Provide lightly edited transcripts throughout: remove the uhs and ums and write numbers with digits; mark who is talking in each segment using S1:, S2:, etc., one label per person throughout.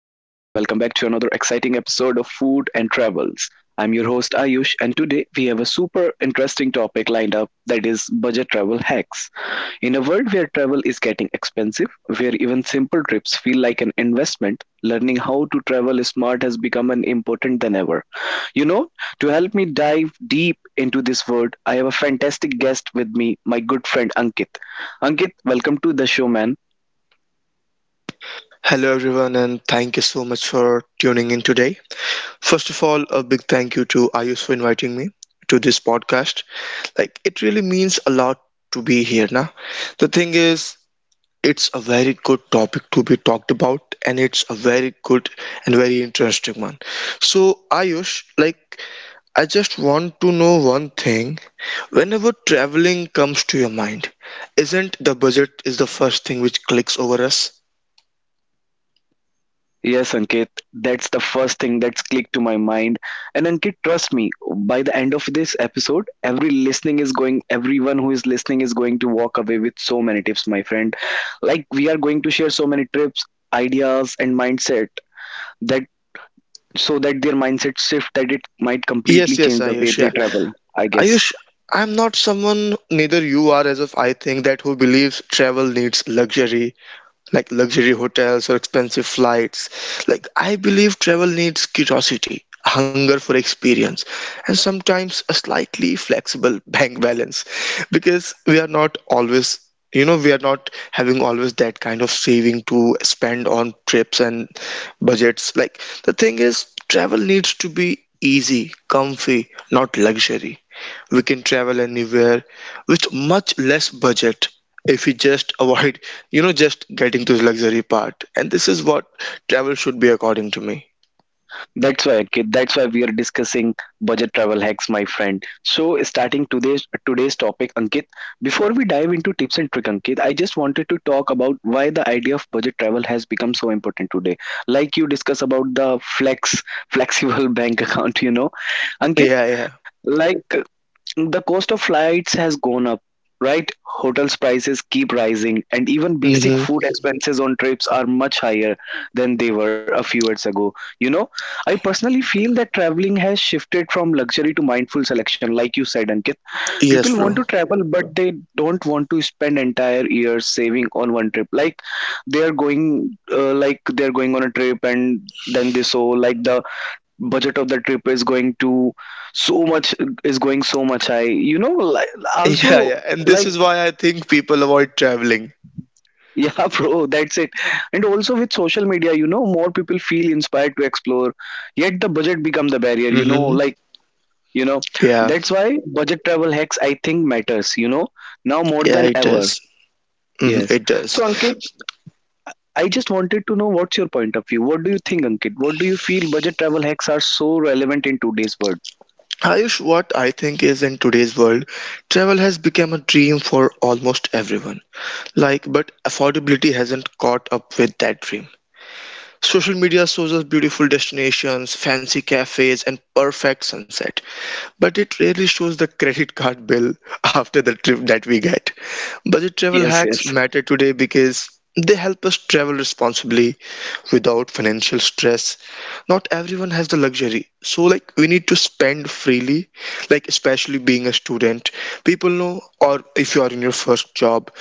S1: Welcome back to another exciting episode of Food and Travels. I'm your host Ayush, and today we have a super interesting topic lined up that is budget travel hacks. In a world where travel is getting expensive, where even simple trips feel like an investment, learning how to travel smart has become an important than ever. You know, to help me dive deep into this world, I have a fantastic guest with me, my good friend Ankit. Ankit, welcome to the show, man.
S2: Hello, everyone, and thank you so much for tuning in today. First of all, a big thank you to Ayush for inviting me to this podcast. Like, it really means a lot to be here now. The thing is, it's a very good topic to be talked about, and it's a very good and very interesting one. So, Ayush, like, I just want to know one thing. Whenever traveling comes to your mind, isn't the budget is the first thing which clicks over us?
S1: Yes, Ankit, that's the first thing that's clicked to my mind. And Ankit, trust me, by the end of this episode, every listening is going, everyone who is listening is going to walk away with so many tips, my friend. Like we are going to share so many tips, ideas, and mindset that so that their mindset shift that it might
S2: Yes,
S1: completely
S2: yes,
S1: change the way
S2: Ayush.
S1: they
S2: Yeah.
S1: travel. I guess.
S2: Ayush, I'm not someone, neither you are, as if I think that who believes travel needs luxury like luxury hotels or expensive flights. Like, I believe travel needs curiosity, hunger for experience, and sometimes a slightly flexible bank balance because we are not always. We are not having always that kind of saving to spend on trips and budgets. Like, the thing is, travel needs to be easy, comfy, not luxury. We can travel anywhere with much less budget if we just avoid just getting to the luxury part, and this is what travel should be according to me.
S1: That's why, okay, that's why we are discussing budget travel hacks, my friend. So, starting today's topic, Ankit. Before we dive into tips and trick, Ankit, I just wanted to talk about why the idea of budget travel has become so important today. Like you discuss about the flex, flexible bank account, you know, Ankit.
S2: Yeah, yeah.
S1: Like the cost of flights has gone up, right? Hotels prices keep rising, and even basic
S2: Mm-hmm.
S1: food expenses on trips are much higher than they were a few years ago. You know, I personally feel that traveling has shifted from luxury to mindful selection, like you said, Ankit.
S2: Yes,
S1: People want
S2: bro.
S1: to travel, but they don't want to spend entire years saving on one trip. Like they are going, like they are going on a trip, and then they saw like the budget of the trip is going to so much is going so much high you know like,
S2: yeah
S1: also
S2: yeah and this
S1: like
S2: is why I think people avoid traveling.
S1: yeah bro, that's it. And also with social media, you know, more people feel inspired to explore, yet the budget become the barrier, you know,
S2: Mm-hmm.
S1: like you know
S2: Yeah,
S1: that's why budget travel hacks, I think, matters, you know, now more
S2: yeah,
S1: than
S2: it
S1: ever.
S2: does. Hmm,
S1: Yes.
S2: it does.
S1: So Ankit, I just wanted to know what's your point of view, what do you think, Ankit, what do you feel budget travel hacks are so relevant in today's world.
S2: Ayush, what I think is in today's world, travel has become a dream for almost everyone. Like, but affordability hasn't caught up with that dream. Social media shows us beautiful destinations, fancy cafes, and perfect sunset, but it rarely shows the credit card bill after the trip that we get. Budget travel
S1: Yes,
S2: hacks
S1: yes.
S2: matter today because they help us travel responsibly without financial stress. Not everyone has the luxury, so like we need to spend freely, like especially being a student. People know, or if you are in your first job,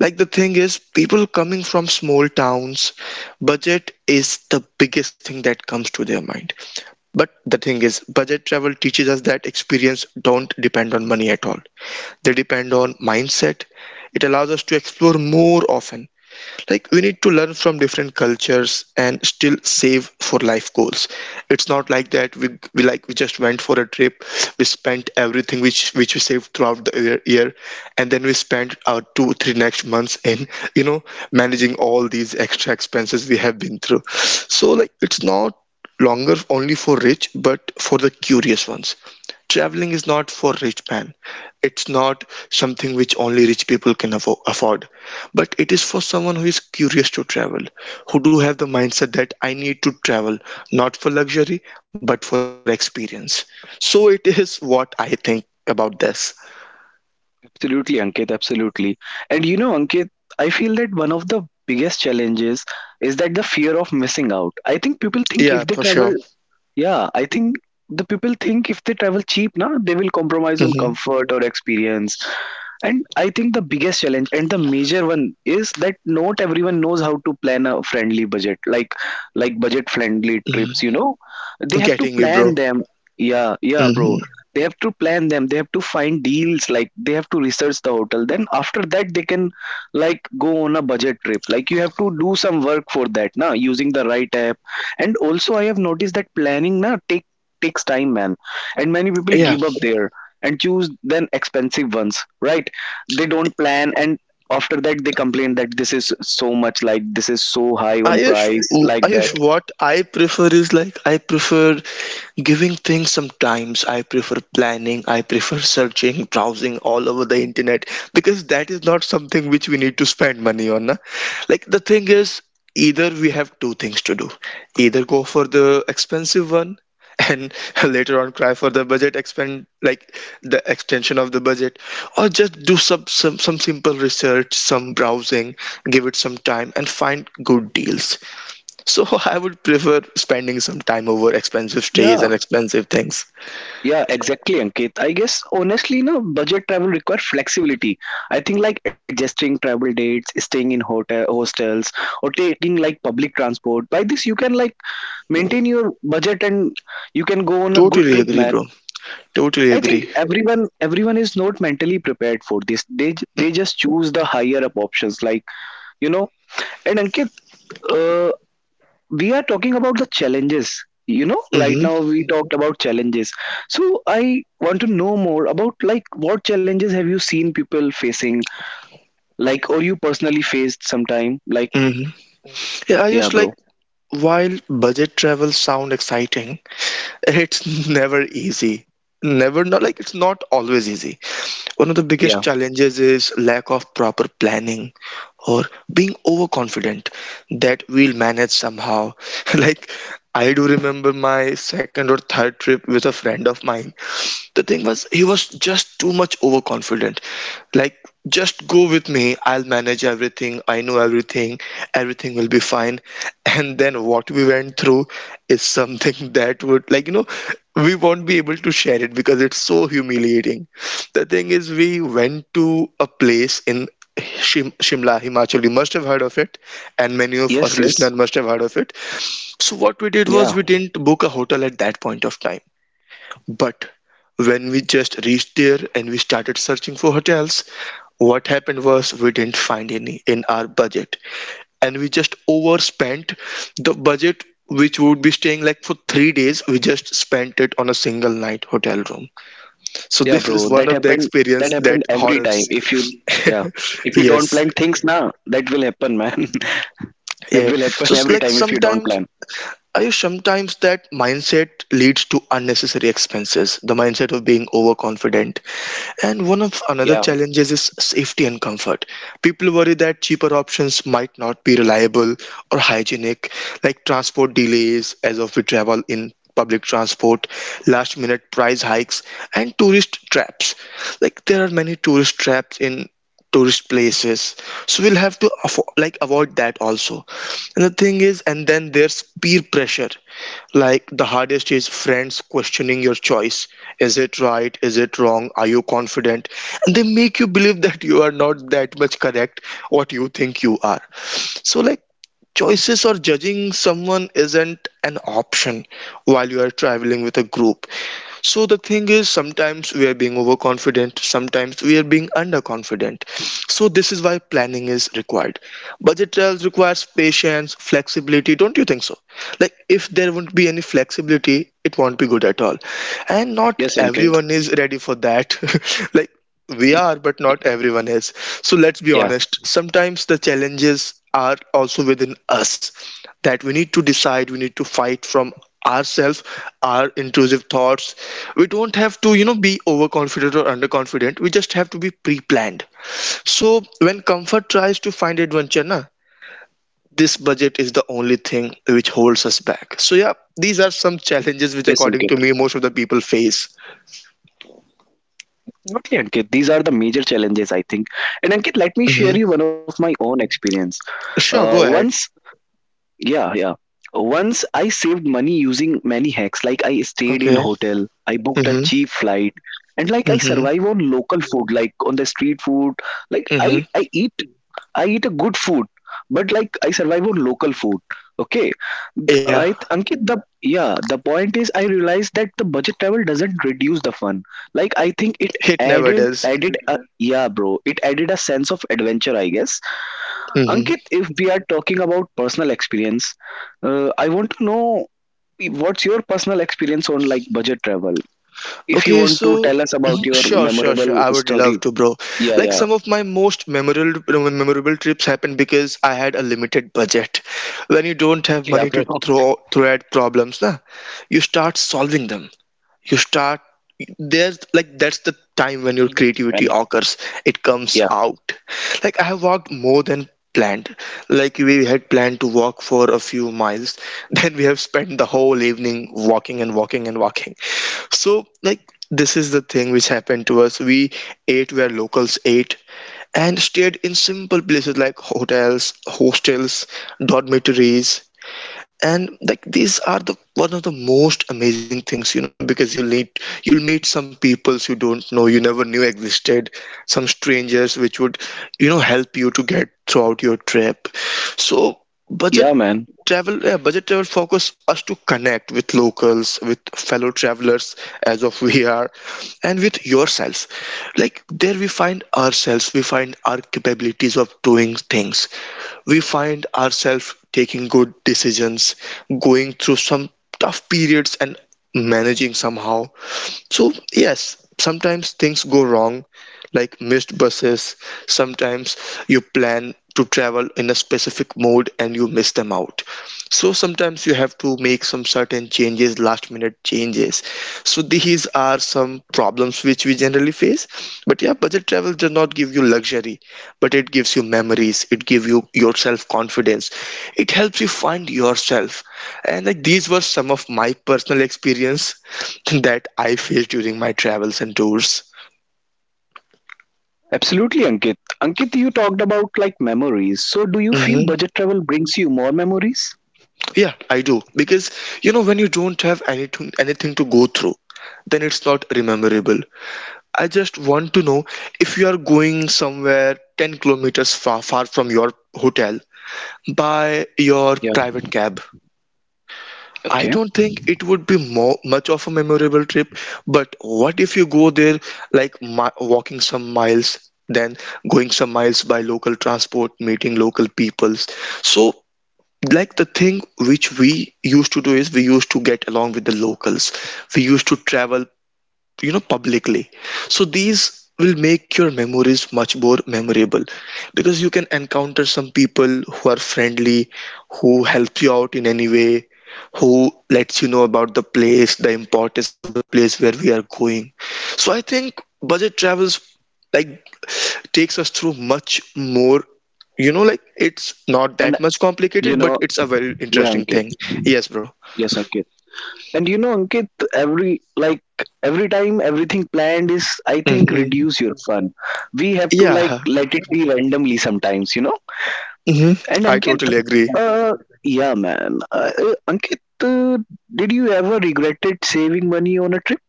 S2: like the thing is, people coming from small towns, budget is the biggest thing that comes to their mind. But the thing is, budget travel teaches us that experience don't depend on money at all. They depend on mindset. It allows us to explore more often, like we need to learn from different cultures and still save for life goals. It's not like that we like we just went for a trip, we spent everything which we saved throughout the year, and then we spent our 2-3 next months in you know managing all these extra expenses we have been through. So like it's not longer only for rich but for the curious ones. Traveling is not for rich man. It's not something which only rich people can afford, but it is for someone who is curious to travel, who do have the mindset that I need to travel not for luxury but for experience. So it is what I think about this.
S1: Absolutely, Ankit, absolutely. And you know, Ankit, I feel that one of the biggest challenges is that the fear of missing out. I think people think
S2: Yeah,
S1: if they
S2: for sure.
S1: travel, yeah, I think the people think if they travel cheap, na, they will compromise on
S2: Hmm.
S1: comfort or experience. And I think the biggest challenge and the major one is that not everyone knows how to plan a friendly budget, like budget friendly
S2: Hmm.
S1: trips. You know, they have to
S2: Getting you,
S1: plan
S2: bro.
S1: them. Yeah, yeah,
S2: Hmm.
S1: bro. They have to plan them. They have to find deals. Like they have to research the hotel. Then after that, they can like go on a budget trip. Like you have to do some work for that, na, using the right app. And also, I have noticed that planning, na, takes time, man. And many people
S2: Yeah,
S1: give up there and choose then expensive ones, right? They don't plan, and after that they complain that this is so much like this is so high on price like that.
S2: Ayush, what I prefer is like I prefer Giving things sometimes I prefer planning, I prefer searching, browsing all over the internet because that is not something which we need to spend money on. Na? Like the thing is, either we have two things to do, either go for the expensive one and later on cry for the budget expend, like the extension of the budget, or just do some simple research, some browsing, give it some time and find good deals. So I would prefer spending some time over expensive
S1: Yeah,
S2: stays and expensive things.
S1: yeah, exactly, Ankit, I guess honestly, no, budget travel require flexibility. I think like adjusting travel dates, staying in hotel hostels, or taking like public transport. By this you can like maintain your budget, and you can go on a good
S2: Totally
S1: trip,
S2: agree,
S1: man.
S2: bro. Totally
S1: I think
S2: agree.
S1: everyone, everyone is not mentally prepared for this. They they just choose the higher up options, like, you know. And Ankit, uh, we are talking about the challenges, you know, right
S2: Hmm.
S1: now we talked about challenges. So I want to know more about like what challenges have you seen people facing, like, or you personally faced sometime, like.
S2: Hmm. Yeah, I
S1: Yeah,
S2: just like
S1: bro.
S2: while budget travel sound exciting, it's never easy. Never not like It's not always easy. One of the
S1: Yeah.
S2: biggest challenges is lack of proper planning or being overconfident that we'll manage somehow. Like, I do remember my second or third trip with a friend of mine. The thing was he was just too much overconfident. Like, just go with me, I'll manage everything, I know everything, everything will be fine. And then what we went through is something that would like we won't be able to share it because it's so humiliating. The thing is we went to a place in Shimla, Himachal, you must have heard of it, and many of our
S1: Yes, yes.
S2: listeners must have heard of it. So, what we
S1: Yeah,
S2: did was we didn't book a hotel at that point of time, but when we just reached there and we started searching for hotels, what happened was we didn't find any in our budget. And we just overspent the budget which would be staying like for 3 days. We just spent it on a single night hotel room. So
S1: yeah,
S2: this
S1: bro,
S2: is one
S1: that
S2: of the
S1: happened. That
S2: experience that
S1: happened every time
S2: horrors.
S1: if you yeah if you don't
S2: Yes.
S1: plan things now, that will happen, man. That
S2: Yeah.
S1: will happen
S2: So it's
S1: every
S2: like
S1: time if you don't
S2: sometimes
S1: plan.
S2: I sometimes that mindset leads to unnecessary expenses. The mindset of being overconfident. And one of another
S1: Yeah.
S2: challenges is safety and comfort. People worry that cheaper options might not be reliable or hygienic, like transport delays as of we travel in public transport, last minute price hikes, and tourist traps. Like there are many tourist traps in tourist places, so we'll have to avoid that also. And the thing is, and then there's peer pressure. Like the hardest is friends questioning your choice. Is it right? Is it wrong? Are you confident? And they make you believe that you are not that much correct what you think you are. So, like, choices or judging someone isn't an option while you are traveling with a group. So the thing is, sometimes we are being overconfident, sometimes we are being underconfident. So this is why planning is required. Budget trails requires patience, flexibility. Don't you think so? Like if there won't be any flexibility, it won't be good at all. And not
S1: Yes,
S2: everyone is
S1: Ankit.
S2: ready for that. Like, we are but not everyone is. So let's be honest,
S1: Yeah.
S2: sometimes the challenges are also within us, that we need to decide, we need to fight from ourselves, our intrusive thoughts. We don't have to be overconfident or underconfident, we just have to be pre-planned. So when comfort tries to find adventure na, this budget is the only thing which holds us back. So yeah, these are some challenges which
S1: Yes, Ankit.
S2: according to me most of the people face.
S1: Absolutely, Ankit. These are the major challenges, I think. And Ankit, let me
S2: Hmm.
S1: share you one of my own experience.
S2: Sure, go ahead.
S1: Once yeah, yeah. Once I saved money using many hacks. Like I stayed in
S2: Okay.
S1: hotel, I booked Mhm. a cheap flight, and like I
S2: Hmm.
S1: survive on local food, like on the street food. Like I
S2: Mm-hmm.
S1: I eat, I eat a good food, but like I survive on local food. Okay,
S2: Yeah,
S1: I Ankit the yeah the point is I realized that the budget travel doesn't reduce the fun. Like I think
S2: it
S1: it
S2: never does.
S1: added added a yeah, bro. It added a sense of adventure, I guess. Ankit,
S2: Mm-hmm.
S1: if we are talking about personal experience, I want to know what's your personal experience on like budget travel. If you
S2: Okay,
S1: want to
S2: so
S1: tell us
S2: mhm,
S1: about your
S2: sure.
S1: memorable
S2: I would love
S1: story.
S2: to, bro.
S1: Yeah,
S2: Like
S1: yeah.
S2: some of my most memorable trips happened because I had a limited budget. When you don't have
S1: Okay.
S2: money
S1: Yeah,
S2: to
S1: bro. Definitely.
S2: throw at problems, na, you start solving them. You start there's like That's the time when your creativity
S1: Man.
S2: occurs, it comes
S1: Yeah.
S2: out. Like, I have walked more than planned. Like we had planned to walk for a few miles, then we have spent the whole evening walking and walking and walking. So like this is the thing which happened to us. We ate where locals ate and stayed in simple places like hotels, hostels, dormitories. And like these are the one of the most amazing things, you know, because you'll meet some peoples you don't know, you never knew existed, some strangers which would help you to get throughout your trip. So budget
S1: Yeah, man.
S2: travel yeah, budget travel focus us to connect with locals, with fellow travelers as of we are, and with yourself. Like there we find ourselves, we find our capabilities of doing things, we find ourselves taking good decisions, going through some tough periods and managing somehow. So, yes, sometimes things go wrong, like missed buses. Sometimes you plan to travel in a specific mode and you miss them out. So, sometimes you have to make some certain changes, last minute changes. So, these are some problems which we generally face. But yeah, budget travel does not give you luxury, but it gives you memories, it gives you your self confidence, it helps you find yourself. And like these were some of my personal experience that I face during my travels and tours.
S1: Absolutely, Ankit. Ankit, you talked about like memories. So do you feel
S2: Hmm.
S1: budget travel brings you more memories?
S2: Yeah, I do.
S1: Mm.
S2: Because you know, when you don't have anything to go through, then it's not rememberable. I just want to know if you are going somewhere 10 kilometers far from your hotel by your
S1: Yeah.
S2: private cab. I
S1: Okay.
S2: don't think it would be more much of a memorable trip, but what if you go there like walking some miles, then going some miles by local transport, meeting local peoples. So, like, the thing which we used to do is we used to get along with the locals. We used to travel, publicly. So these will make your memories much more memorable, because you can encounter some people who are friendly, who help you out in any way, who lets you know about the place, the importance of the place where we are going. So I think budget travels, like, takes us through much more, like, it's not
S1: And
S2: that much
S1: you
S2: complicated,
S1: know,
S2: but it's a very
S1: yeah,
S2: interesting
S1: Ankit.
S2: thing. Yes, bro.
S1: Yes, Ankit. And you know, Ankit, every like every time everything planned is, I think,
S2: Hmm.
S1: reduce your fun. We have to like
S2: Yeah.
S1: let it be randomly sometimes, you know.
S2: Hmm.
S1: And
S2: I
S1: Ankit,
S2: totally agree.
S1: uh, yeah, man. Ankit, did you ever regretted saving money on a trip?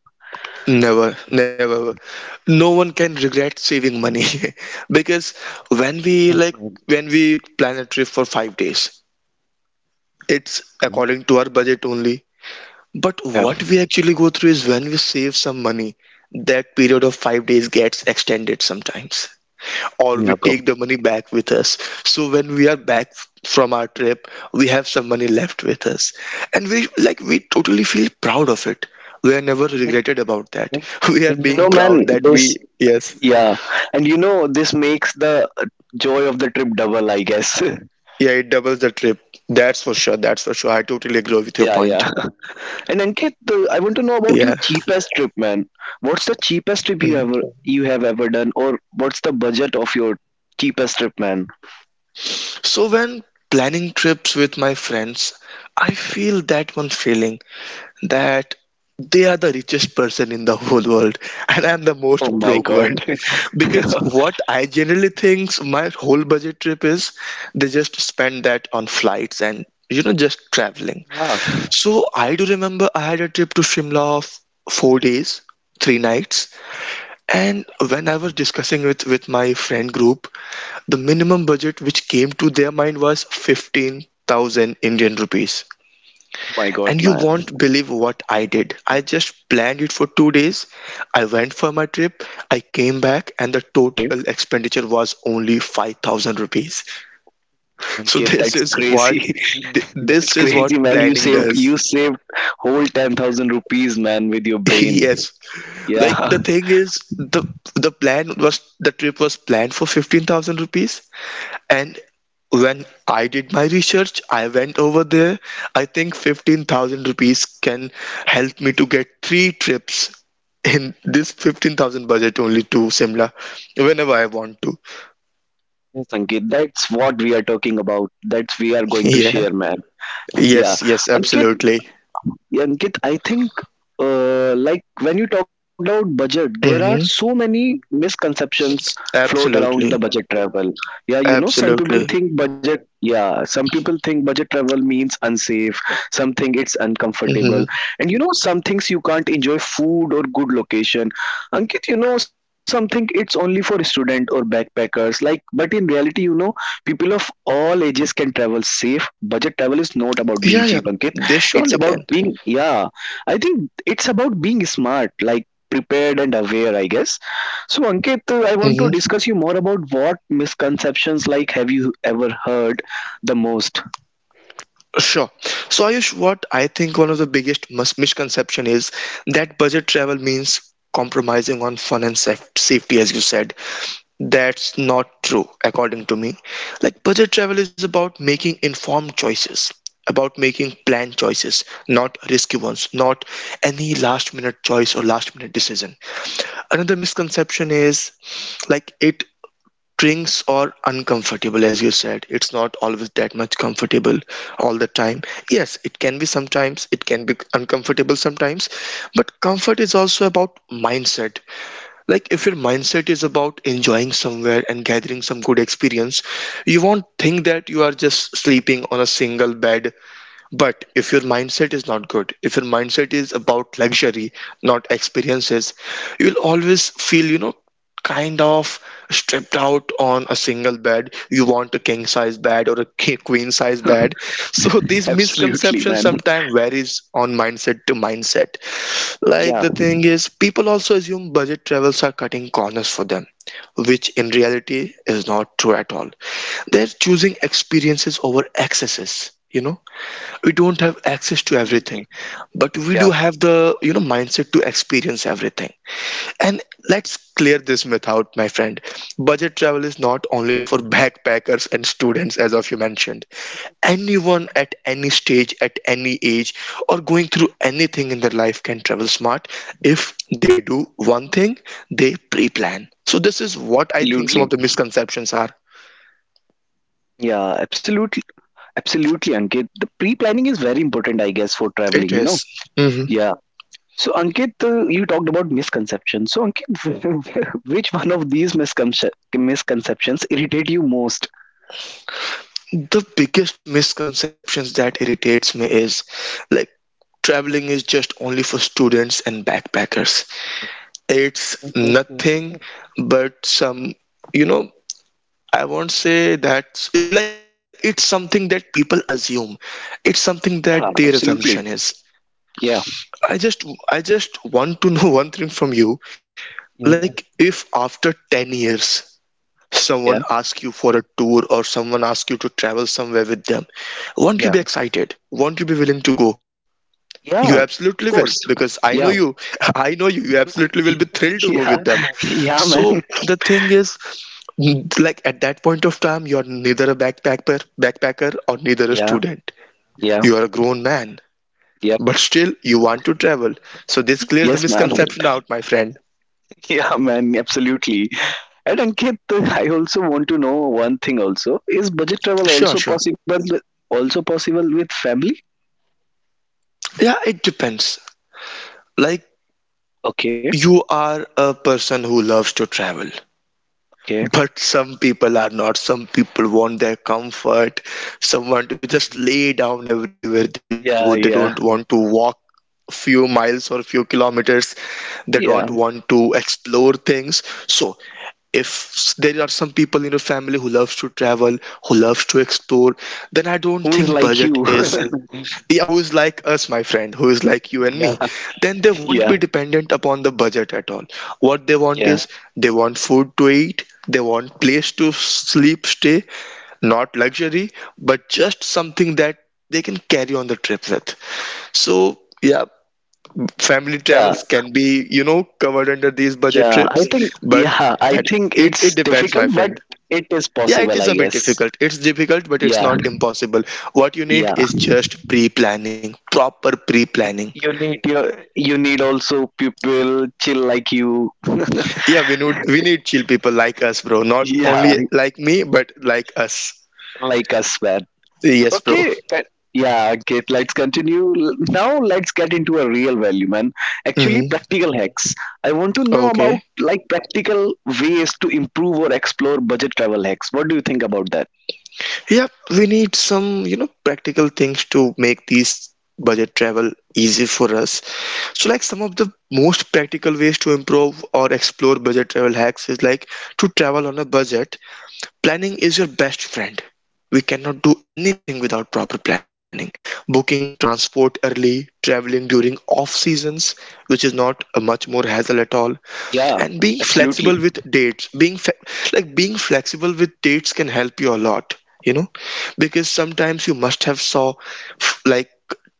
S2: Never, never. No one can regret saving money, because when we like when we plan a trip for 5 days, it's according to our budget only. But what we actually go through is when we save some money, that period of 5 days gets extended sometimes, or we take the money back with us. So when we are back from our trip, we have some money left with us. And we totally feel proud of it. We are never regretted about that. We are
S1: And
S2: being proud that we, yes.
S1: yeah, and you know, this makes the joy of the trip double, I guess.
S2: Yeah, it doubles the trip. That's for sure. That's for sure. I totally agree with your
S1: Yeah,
S2: point.
S1: yeah. And Ankit, the, I want
S2: Yeah.
S1: to know about your cheapest trip, man. What's the cheapest
S2: Mhm.
S1: trip you have ever done, or what's the budget of your cheapest trip, man?
S2: So when planning trips with my friends, I feel that one feeling that they are the richest person in the whole world and I'm the
S1: Oh
S2: most
S1: my
S2: broke
S1: God.
S2: one. Because what I generally think my whole budget trip is, they just spend that on flights and, you know, just traveling.
S1: Ah, oh
S2: So I do remember I had a trip to Shimla of 4 days, three nights. And when I was discussing with my friend group, the minimum budget which came to their mind was 15,000 Indian rupees.
S1: my God,
S2: And you
S1: man.
S2: won't believe what I did. I just planned it for 2 days. I went for my trip. I came back, and the
S1: Okay,
S2: total expenditure was only 5,000 rupees. So,
S1: Ankit,
S2: this
S1: that's
S2: is
S1: crazy.
S2: what,
S1: That's
S2: this is
S1: crazy,
S2: what
S1: man.
S2: planning does.
S1: You saved whole 10,000 rupees, man, with your brain.
S2: Yes,
S1: Yeah.
S2: like, the thing is, the plan was, the trip was planned for 15,000 rupees. And when I did my research, I went over there. I think 15,000 rupees can help me to get three trips in this 15,000 budget only to Simla whenever I want to.
S1: Yes, Ankit, that's what we are talking about. That's we are going to
S2: Yeah.
S1: share, man. Yeah,
S2: Yes, yes,
S1: Ankit.
S2: absolutely.
S1: Ankit, I think like when you talked about budget, there are so
S2: Mm-hmm.
S1: many misconceptions float around the
S2: Absolutely.
S1: budget travel. Yeah, you know, some people
S2: Absolutely.
S1: think budget. Yeah, some people think budget travel means unsafe. Something it's uncomfortable,
S2: Mm-hmm.
S1: and you know, some things you can't enjoy food or good location. Ankit, you know, some think it's only for student or backpackers. Like, but in reality, you know, people of all ages can travel safe. Budget travel is not
S2: Yeah,
S1: about
S2: yeah,
S1: being cheap,
S2: they
S1: Ankit,
S2: surely
S1: it's
S2: can.
S1: about being yeah, I think it's about being smart, like prepared and aware, I guess. So Ankit, I want
S2: Mm-hmm.
S1: to discuss you more about what misconceptions, like, have you ever heard the most.
S2: Sure. So, Ayush, what I think, one of the biggest misconception is that budget travel means compromising on fun and safety, as you said. That's not true, according to me. Like, budget travel is about making informed choices, about making planned choices, not risky ones, not any last minute choice or last minute decision. Another misconception is, like, it drinks are uncomfortable. As you said, it's not always that much comfortable all the time. Yes, it can be sometimes, it can be uncomfortable sometimes, but comfort is also about mindset. Like, if your mindset is about enjoying somewhere and gathering some good experience, you won't think that you are just sleeping on a single bed. But if your mindset is not good, if your mindset is about luxury, not experiences, you'll always feel, you know, kind of stripped out on a single bed. You want a king size bed or a queen size bed. So these
S1: Absolutely, man.
S2: misconceptions sometimes varies on mindset to mindset.
S1: Yeah,
S2: Like, the thing is, people also assume budget travels are cutting corners for them, which in reality is not true at all. They're choosing experiences over excesses. You know, we don't have access to everything, but we do have the, you know, mindset to experience everything. And let's clear this myth out, my friend. Budget travel is not only for backpackers and students, as of you mentioned. Anyone at any stage, at any age, or going through anything in their life can travel smart if they do one thing: they pre-plan. So this is what I think some of the
S1: absolutely.
S2: misconceptions are.
S1: Yeah, absolutely. Absolutely, Ankit, the pre-planning is very important, I guess, for traveling,
S2: It
S1: you know.
S2: is.
S1: Yeah. So Ankit, you talked about misconceptions. So Ankit, which one of these misconceptions irritate you most?
S2: The biggest misconceptions that irritates me is, like, traveling is just only for students and backpackers. It's nothing but some, you know, I won't say that, like, it's something that people assume, it's something that their
S1: Yeah,
S2: assumption is.
S1: absolutely. Yeah,
S2: I just, I just want to know one thing from you. Like, if after 10 years someone
S1: yeah,
S2: asks you for a tour, or someone asks you to travel somewhere with them, won't you
S1: yeah,
S2: be excited? Won't you be willing to go? You
S1: yeah.
S2: absolutely
S1: Of
S2: will,
S1: course.
S2: because I know
S1: Yeah,
S2: you. I know you. You absolutely will be thrilled to go
S1: yeah,
S2: with them.
S1: yeah, man.
S2: So the thing is, like, at that point of time, you're neither a backpacker or neither a
S1: Yeah,
S2: student.
S1: yeah,
S2: You are a grown man,
S1: yeah.
S2: but still you want to travel. So this clears the
S1: Yes, man.
S2: misconception out, my friend.
S1: Yeah, man. Absolutely. And Ankit, I also want to know one thing. Also, is budget travel
S2: Sure, sure.
S1: also possible? Also possible with family?
S2: Yeah, it depends. Like,
S1: Okay,
S2: you are a person who loves to travel.
S1: okay.
S2: But some people are not. Some people want their comfort, someone to just lay down everywhere they go. They don't
S1: Yeah,
S2: want to
S1: yeah,
S2: walk few miles or few kilometers. They don't want
S1: yeah.
S2: to explore things. So, if there are some people in your family who loves to travel, who loves to explore, then I don't
S1: Who is
S2: think
S1: like
S2: budget
S1: you?
S2: is. Yeah, who's like us, my friend, who's like you and me,
S1: Yeah,
S2: then they won't be
S1: yeah,
S2: dependent upon the budget at all. What they want
S1: yeah,
S2: is, they want food to eat, they want place to sleep, stay, not luxury, but just something that they can carry on the trip with. So, yeah, family
S1: yeah,
S2: travels can be, you know, covered under these budget
S1: yeah. I
S2: trips.
S1: think,
S2: But
S1: yeah, I
S2: that-
S1: think
S2: it
S1: it's
S2: depends,
S1: difficult,
S2: my
S1: but
S2: friend.
S1: it is
S2: Yeah, it
S1: possible, I
S2: is a bit
S1: guess.
S2: difficult. It's difficult, but
S1: Yeah,
S2: it's not impossible. What you
S1: yeah.
S2: need is just pre-planning, proper pre-planning.
S1: You need also people chill like you.
S2: Yeah, we need chill people like us, bro. Not
S1: Yeah,
S2: only like me, but like us.
S1: like us, man.
S2: Yes, bro.
S1: Okay. Right. Yeah, okay, let's continue. Now let's get into a real value, man, actually
S2: Hmm.
S1: practical hacks. I want to know about
S2: Okay.
S1: like practical ways to improve or explore budget travel hacks. What do you think about that?
S2: Yeah, we need some, you know, practical things to make these budget travel easy for us. So, like, some of the most practical ways to improve or explore budget travel hacks is, like, to travel on a budget, planning is your best friend. We cannot do anything without proper planning. Booking transport early, traveling during off seasons, which is not a much more hassle at all,
S1: Yeah,
S2: and being
S1: absolutely.
S2: flexible with dates. Like, being flexible with dates can help you a lot, you know, because sometimes you must have saw, like,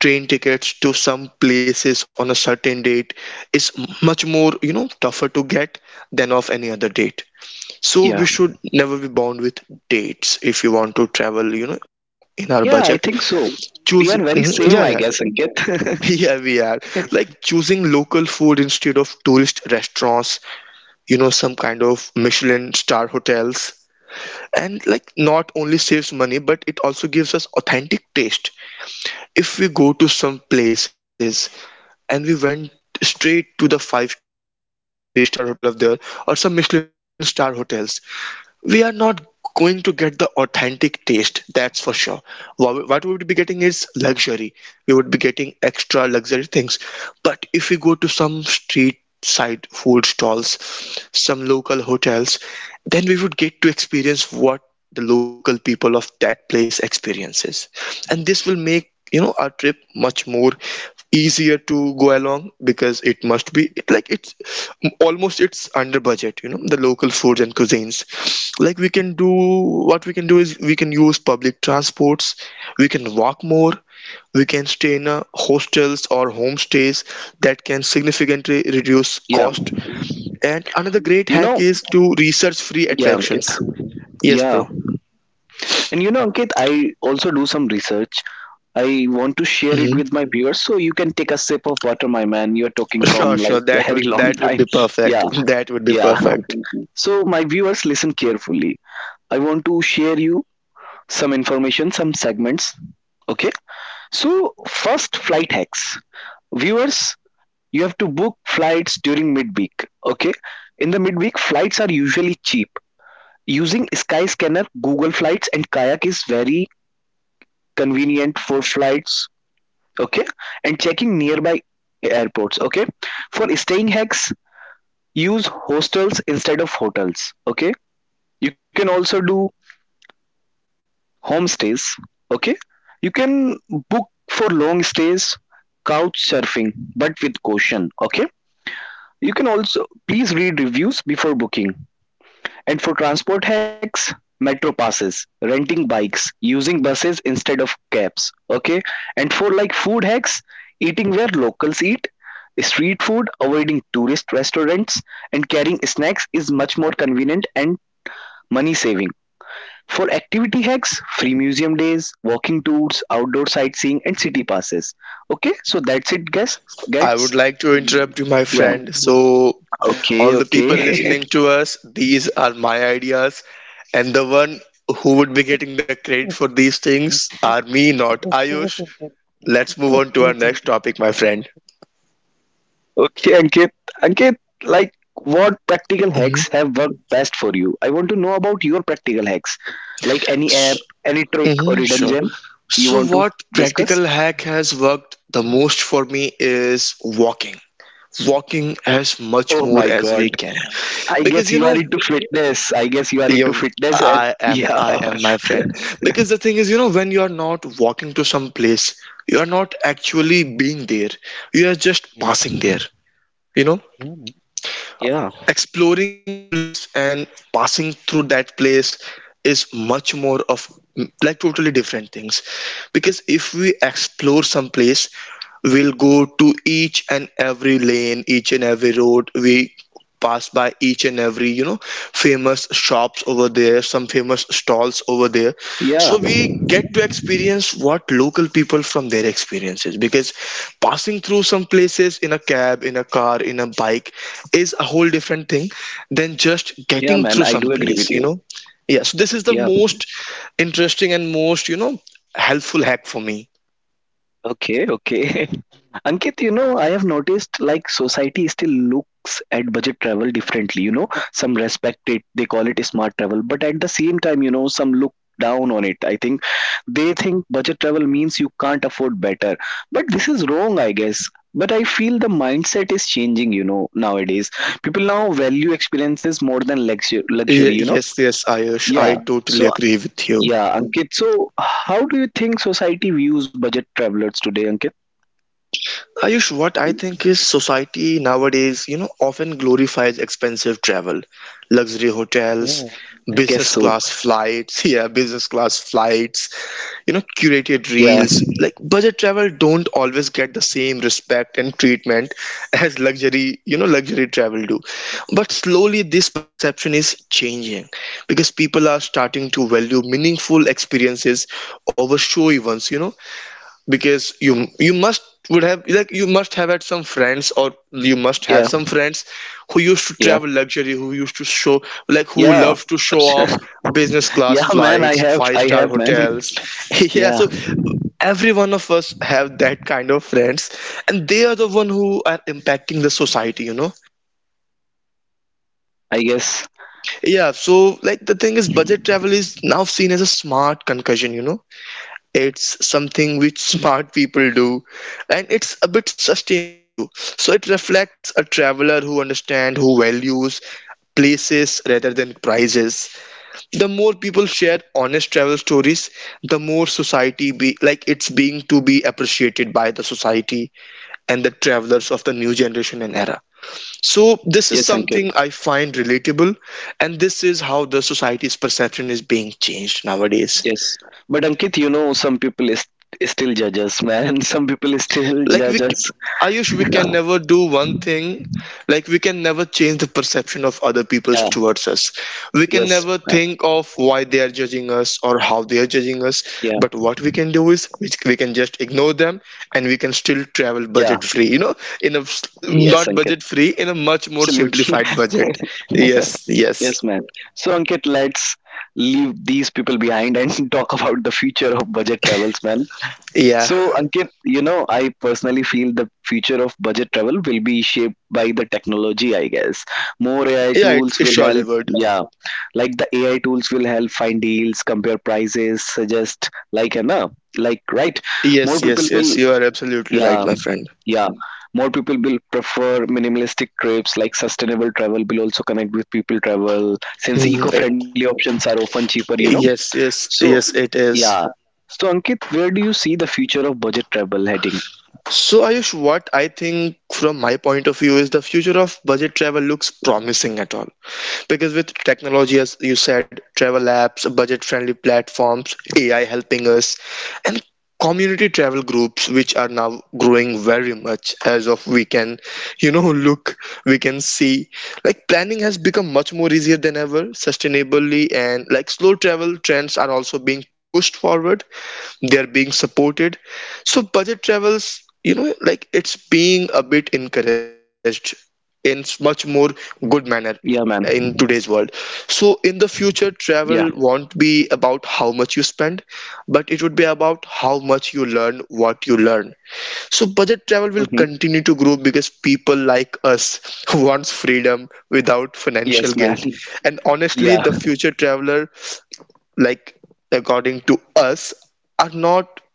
S2: train tickets to some places on a certain date is much more, you know, tougher to get than of any other date. So we
S1: Yeah,
S2: should never be bound with dates if you want to travel, you know, in our budget.
S1: yeah, I think so.
S2: Choose.
S1: We are
S2: Mhm,
S1: very
S2: yeah, yeah.
S1: same, I guess, Ankit.
S2: Yeah, we are. Like, choosing local food instead of tourist restaurants, you know, some kind of michelin star hotels, and like, not only saves money, but it also gives us authentic taste. If we go to some places, and we went straight to the five-star hotel of there, three-star hotel of there, or some michelin star hotels, we are not going to get the authentic taste, that's for sure. What we would be getting is luxury, we would be getting extra luxury things. But if we go to some street side food stalls, some local hotels, then we would get to experience what the local people of that place experiences. And this will make, you know, our trip much more easier to go along, because it must be it, like, it's almost, it's under budget, you know, the local foods and cuisines. Like, we can do, what we can do is we can use public transports, we can walk more, we can stay Wittgensteiner hostels or homestays that can significantly reduce
S1: Yeah,
S2: cost. And another great
S1: you know.
S2: hack is to research free
S1: Yeah,
S2: attractions. Yes,
S1: yeah.
S2: bro.
S1: And you know, Ankit, I also do some research. I want to share it
S2: Mhm.
S1: with my viewers, so you can take a sip of water, my man. You're talking
S2: Sure,
S1: from like
S2: sure. That
S1: very
S2: would
S1: long
S2: that would
S1: time.
S2: be perfect.
S1: Yeah,
S2: That would be
S1: yeah.
S2: perfect.
S1: So, my viewers, listen carefully. I want to share you some information, some segments. Okay. So, first, flight hacks. Viewers, you have to book flights during midweek. Okay. In the midweek, flights are usually cheap. Using Skyscanner, Google Flights, and Kayak is very convenient for flights, okay, and checking nearby airports, okay. For staying hacks, use hostels instead of hotels, okay. You can also do homestays, okay. You can book for long stays, couch surfing but with caution, okay. You can also please read reviews before booking. And for transport hacks, metro passes, renting bikes, using buses instead of cabs. Okay. And for like food hacks, eating where locals eat, street food, avoiding tourist restaurants, and carrying snacks is much more convenient and money saving. For activity hacks, free museum days, walking tours, outdoor sightseeing, and city passes. Okay, so that's it, guys.
S2: I
S1: Gets
S2: would like to interrupt you, my
S1: yeah.
S2: friend. So,
S1: Okay.
S2: all the
S1: Okay,
S2: people
S1: okay.
S2: listening to us, these are my ideas, and the one who would be getting the credit for these things are me, not Ayush. Let's move on to our next topic, my friend.
S1: Okay, Ankit. Ankit, like, what practical hacks have worked best for you? I want to know about your practical hacks. Like any
S2: Mhm.
S1: app, any trick or
S2: Mhm,
S1: hidden
S2: sure.
S1: gem you
S2: So,
S1: want to
S2: what
S1: discuss?
S2: practical hack has worked the most for me is walking. Walking as much
S1: Oh
S2: more
S1: my
S2: as we
S1: god.
S2: can,
S1: I
S2: because,
S1: guess
S2: you
S1: you are
S2: know,
S1: into fitness. I guess you are into
S2: you,
S1: fitness, and
S2: I am,
S1: yeah.
S2: I am my friend. Because the thing is, you know, when you are not walking to some place, you are not actually being there. You are just passing there. You know, exploring a place and passing through that place is much more of like totally different things, because if we explore some place we'll go to each and every lane, each and every road we passed by, each and every, you know, famous shops over there, some famous stalls over there,
S1: Yeah,
S2: so we get to experience what local people from their experiences, because passing through some places in a cab, in a car, in a bike is a whole different thing than just
S1: yeah,
S2: getting
S1: man,
S2: through
S1: I
S2: some
S1: do agree with
S2: place, you know. Yeah, so this is the
S1: you.
S2: most interesting and most, you know, helpful hack for me.
S1: Okay, okay. Ankit, you know, I have noticed like society still looks at budget travel differently. You know, some respect it, they call it smart travel, but at the same time, you know, some look down on it. I think they think budget travel means you can't afford better, but this is wrong, I guess. But I feel the mindset is changing, you know, nowadays. People now value experiences more than luxury,
S2: Yes,
S1: you know?
S2: yes, Ayush, I
S1: Yeah.
S2: totally
S1: So,
S2: agree with you.
S1: yeah, Ankit, so how do you think society views budget travelers today, Ankit?
S2: Ayush, what I think is society nowadays, you know, often glorifies expensive travel, luxury hotels,
S1: I guess
S2: business
S1: so.
S2: class flights, yeah, business class flights, you know, curated
S1: Yeah,
S2: reels. Like budget travel don't always get the same respect and treatment as luxury, you know, luxury travel do. But slowly this perception is changing, because people are starting to value meaningful experiences over showy ones, you know, because you must would have, like, you must have had some friends, or you must
S1: yeah,
S2: have some friends who used to
S1: yeah,
S2: travel luxury, who used to show, like, who
S1: yeah.
S2: love to show off business
S1: Yeah,
S2: class
S1: man.
S2: flights, five
S1: I
S2: star
S1: have, man.
S2: hotels. Yeah,
S1: Yeah,
S2: so every one of us have that kind of friends, and they are the one who are impacting the society, you know.
S1: I guess.
S2: Yeah, so, like, the thing is budget travel is now seen as a smart concussion, you know. It's something which smart people do, and it's a bit sustainable too. So it reflects a traveler who understands, who values places rather than prices. The more people share honest travel stories, the more society be like it's being to be appreciated by the society and the travelers of the new generation and era. So this is
S1: Yes,
S2: something
S1: Ankit.
S2: I find relatable, and this is how the society's perception is being changed nowadays.
S1: Yes, but Ankit, you know, some people is, still judge us, man. Some people still
S2: like we
S1: judge us.
S2: c- Ayush, we can never do one thing, like we can never change the perception of other people
S1: Yeah.
S2: towards us, we can
S1: Yes,
S2: never
S1: man.
S2: think of why they are judging us or how they are
S1: Yeah.
S2: judging us. But what we can do is we can just ignore them, and we can still
S1: Yeah.
S2: travel budget free, you know, in a s-
S1: Yes, Ankit.
S2: not budget free, in a much more
S1: Absolutely.
S2: simplified budget. Yes, yes.
S1: Yes, man. So, Ankit, let's leave these people behind and talk about the future of budget travels, man.
S2: Yeah.
S1: So, Ankit, you know, I personally feel the future of budget travel will be shaped by the technology, I guess. More AI
S2: Yeah, it,
S1: tools
S2: it's
S1: will
S2: sure
S1: help,
S2: levered.
S1: yeah, like the AI tools will help find deals, compare prices, suggest, like, you know, like, right? More
S2: Yes,
S1: people
S2: yes, yes,
S1: will,
S2: you are absolutely
S1: yeah,
S2: right, my friend.
S1: yeah, more people will prefer minimalistic trips, like sustainable travel will also connect with people travel since
S2: Mhm.
S1: eco friendly options are often cheaper, you know.
S2: Yes, yes.
S1: So,
S2: Yes, it
S1: yeah.
S2: is.
S1: So, Ankit, where do you see the future of budget travel heading?
S2: So, Ayush, what I think from my point of view is the future of budget travel looks promising at all. Because with technology, as you said, travel apps, budget-friendly platforms, AI helping us, and community travel groups which are now growing very much as of we can, you know, look, we can see, like, planning has become much more easier than ever sustainably, and like slow travel trends are also being pushed forward, they're being supported. So budget travels, you know, like, it's being a bit encouraged in much more
S1: Yeah,
S2: good
S1: man.
S2: manner in today's world. So in the
S1: Yeah.
S2: future travel won't be about how much you spend, but it would be about how much you learn, what you learn. So budget travel will
S1: Hmm.
S2: continue to grow because people like us wants freedom without
S1: Yes,
S2: financial
S1: man.
S2: guilt. And honestly
S1: Yeah.
S2: the future traveler, like, according to us, are not,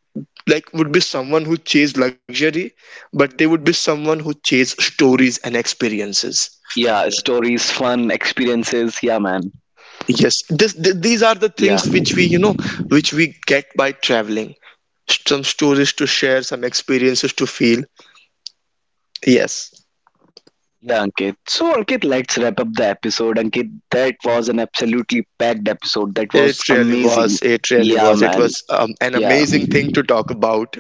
S2: like, would be someone who chase luxury, but they would be someone who chase stories and experiences.
S1: Yeah. Stories, fun, experiences. Yeah, man.
S2: Yes, these are the
S1: Yeah.
S2: things which we, you know, which we get by traveling, some stories to share, some experiences to feel. Yes.
S1: Yeah, Ankit. So, Ankit, let's wrap up the episode. Ankit, that was an absolutely packed episode. That was
S2: It really
S1: amazing.
S2: was, it really
S1: Yeah,
S2: was, it
S1: man.
S2: was an
S1: Yeah.
S2: amazing thing to talk about.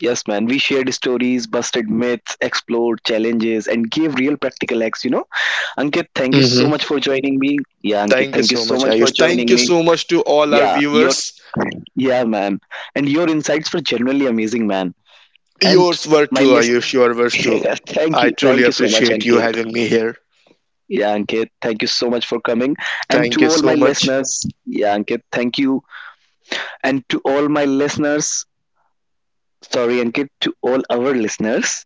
S1: Yes, man. We shared stories, busted myths, explored challenges, and gave real practical acts, you know? Ankit, thank you so
S2: Hmm.
S1: much for joining me. Yeah, Ankit,
S2: Thank you
S1: thank you
S2: so
S1: so
S2: much,
S1: much for
S2: Ayush, thank
S1: joining
S2: you
S1: me.
S2: so much to all our
S1: Yeah, your
S2: viewers.
S1: yeah, man. And your insights were genuinely amazing, man. And
S2: Yours were
S1: my
S2: too,
S1: list
S2: Ayush. Yours were too.
S1: yeah, thank
S2: I
S1: you.
S2: truly
S1: Thank you so much,
S2: appreciate you
S1: Ankit.
S2: having me here.
S1: Yeah, Ankit, thank you so much for coming. And
S2: Thank
S1: to
S2: you
S1: all my
S2: so much.
S1: listeners, yeah, Ankit, thank you. And to all my listeners, sorry, Ankit, to all our listeners,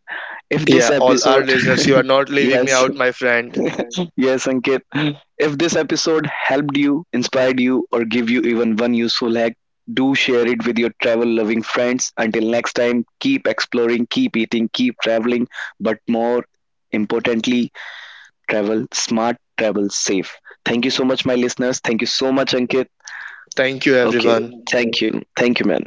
S1: if this
S2: Yeah, all our
S1: episode,
S2: listeners, you are not leaving
S1: yes,
S2: me out, my friend.
S1: Yes, Ankit. If this episode helped you, inspired you, or give you even one useful hack, do share it with your travel loving friends. Until next time, keep exploring, keep eating, keep traveling, but more importantly, travel smart, travel safe. Thank you so much, my listeners. Thank you so much, Ankit.
S2: Thank you,
S1: Okay,
S2: everyone.
S1: thank you. Thank you, man.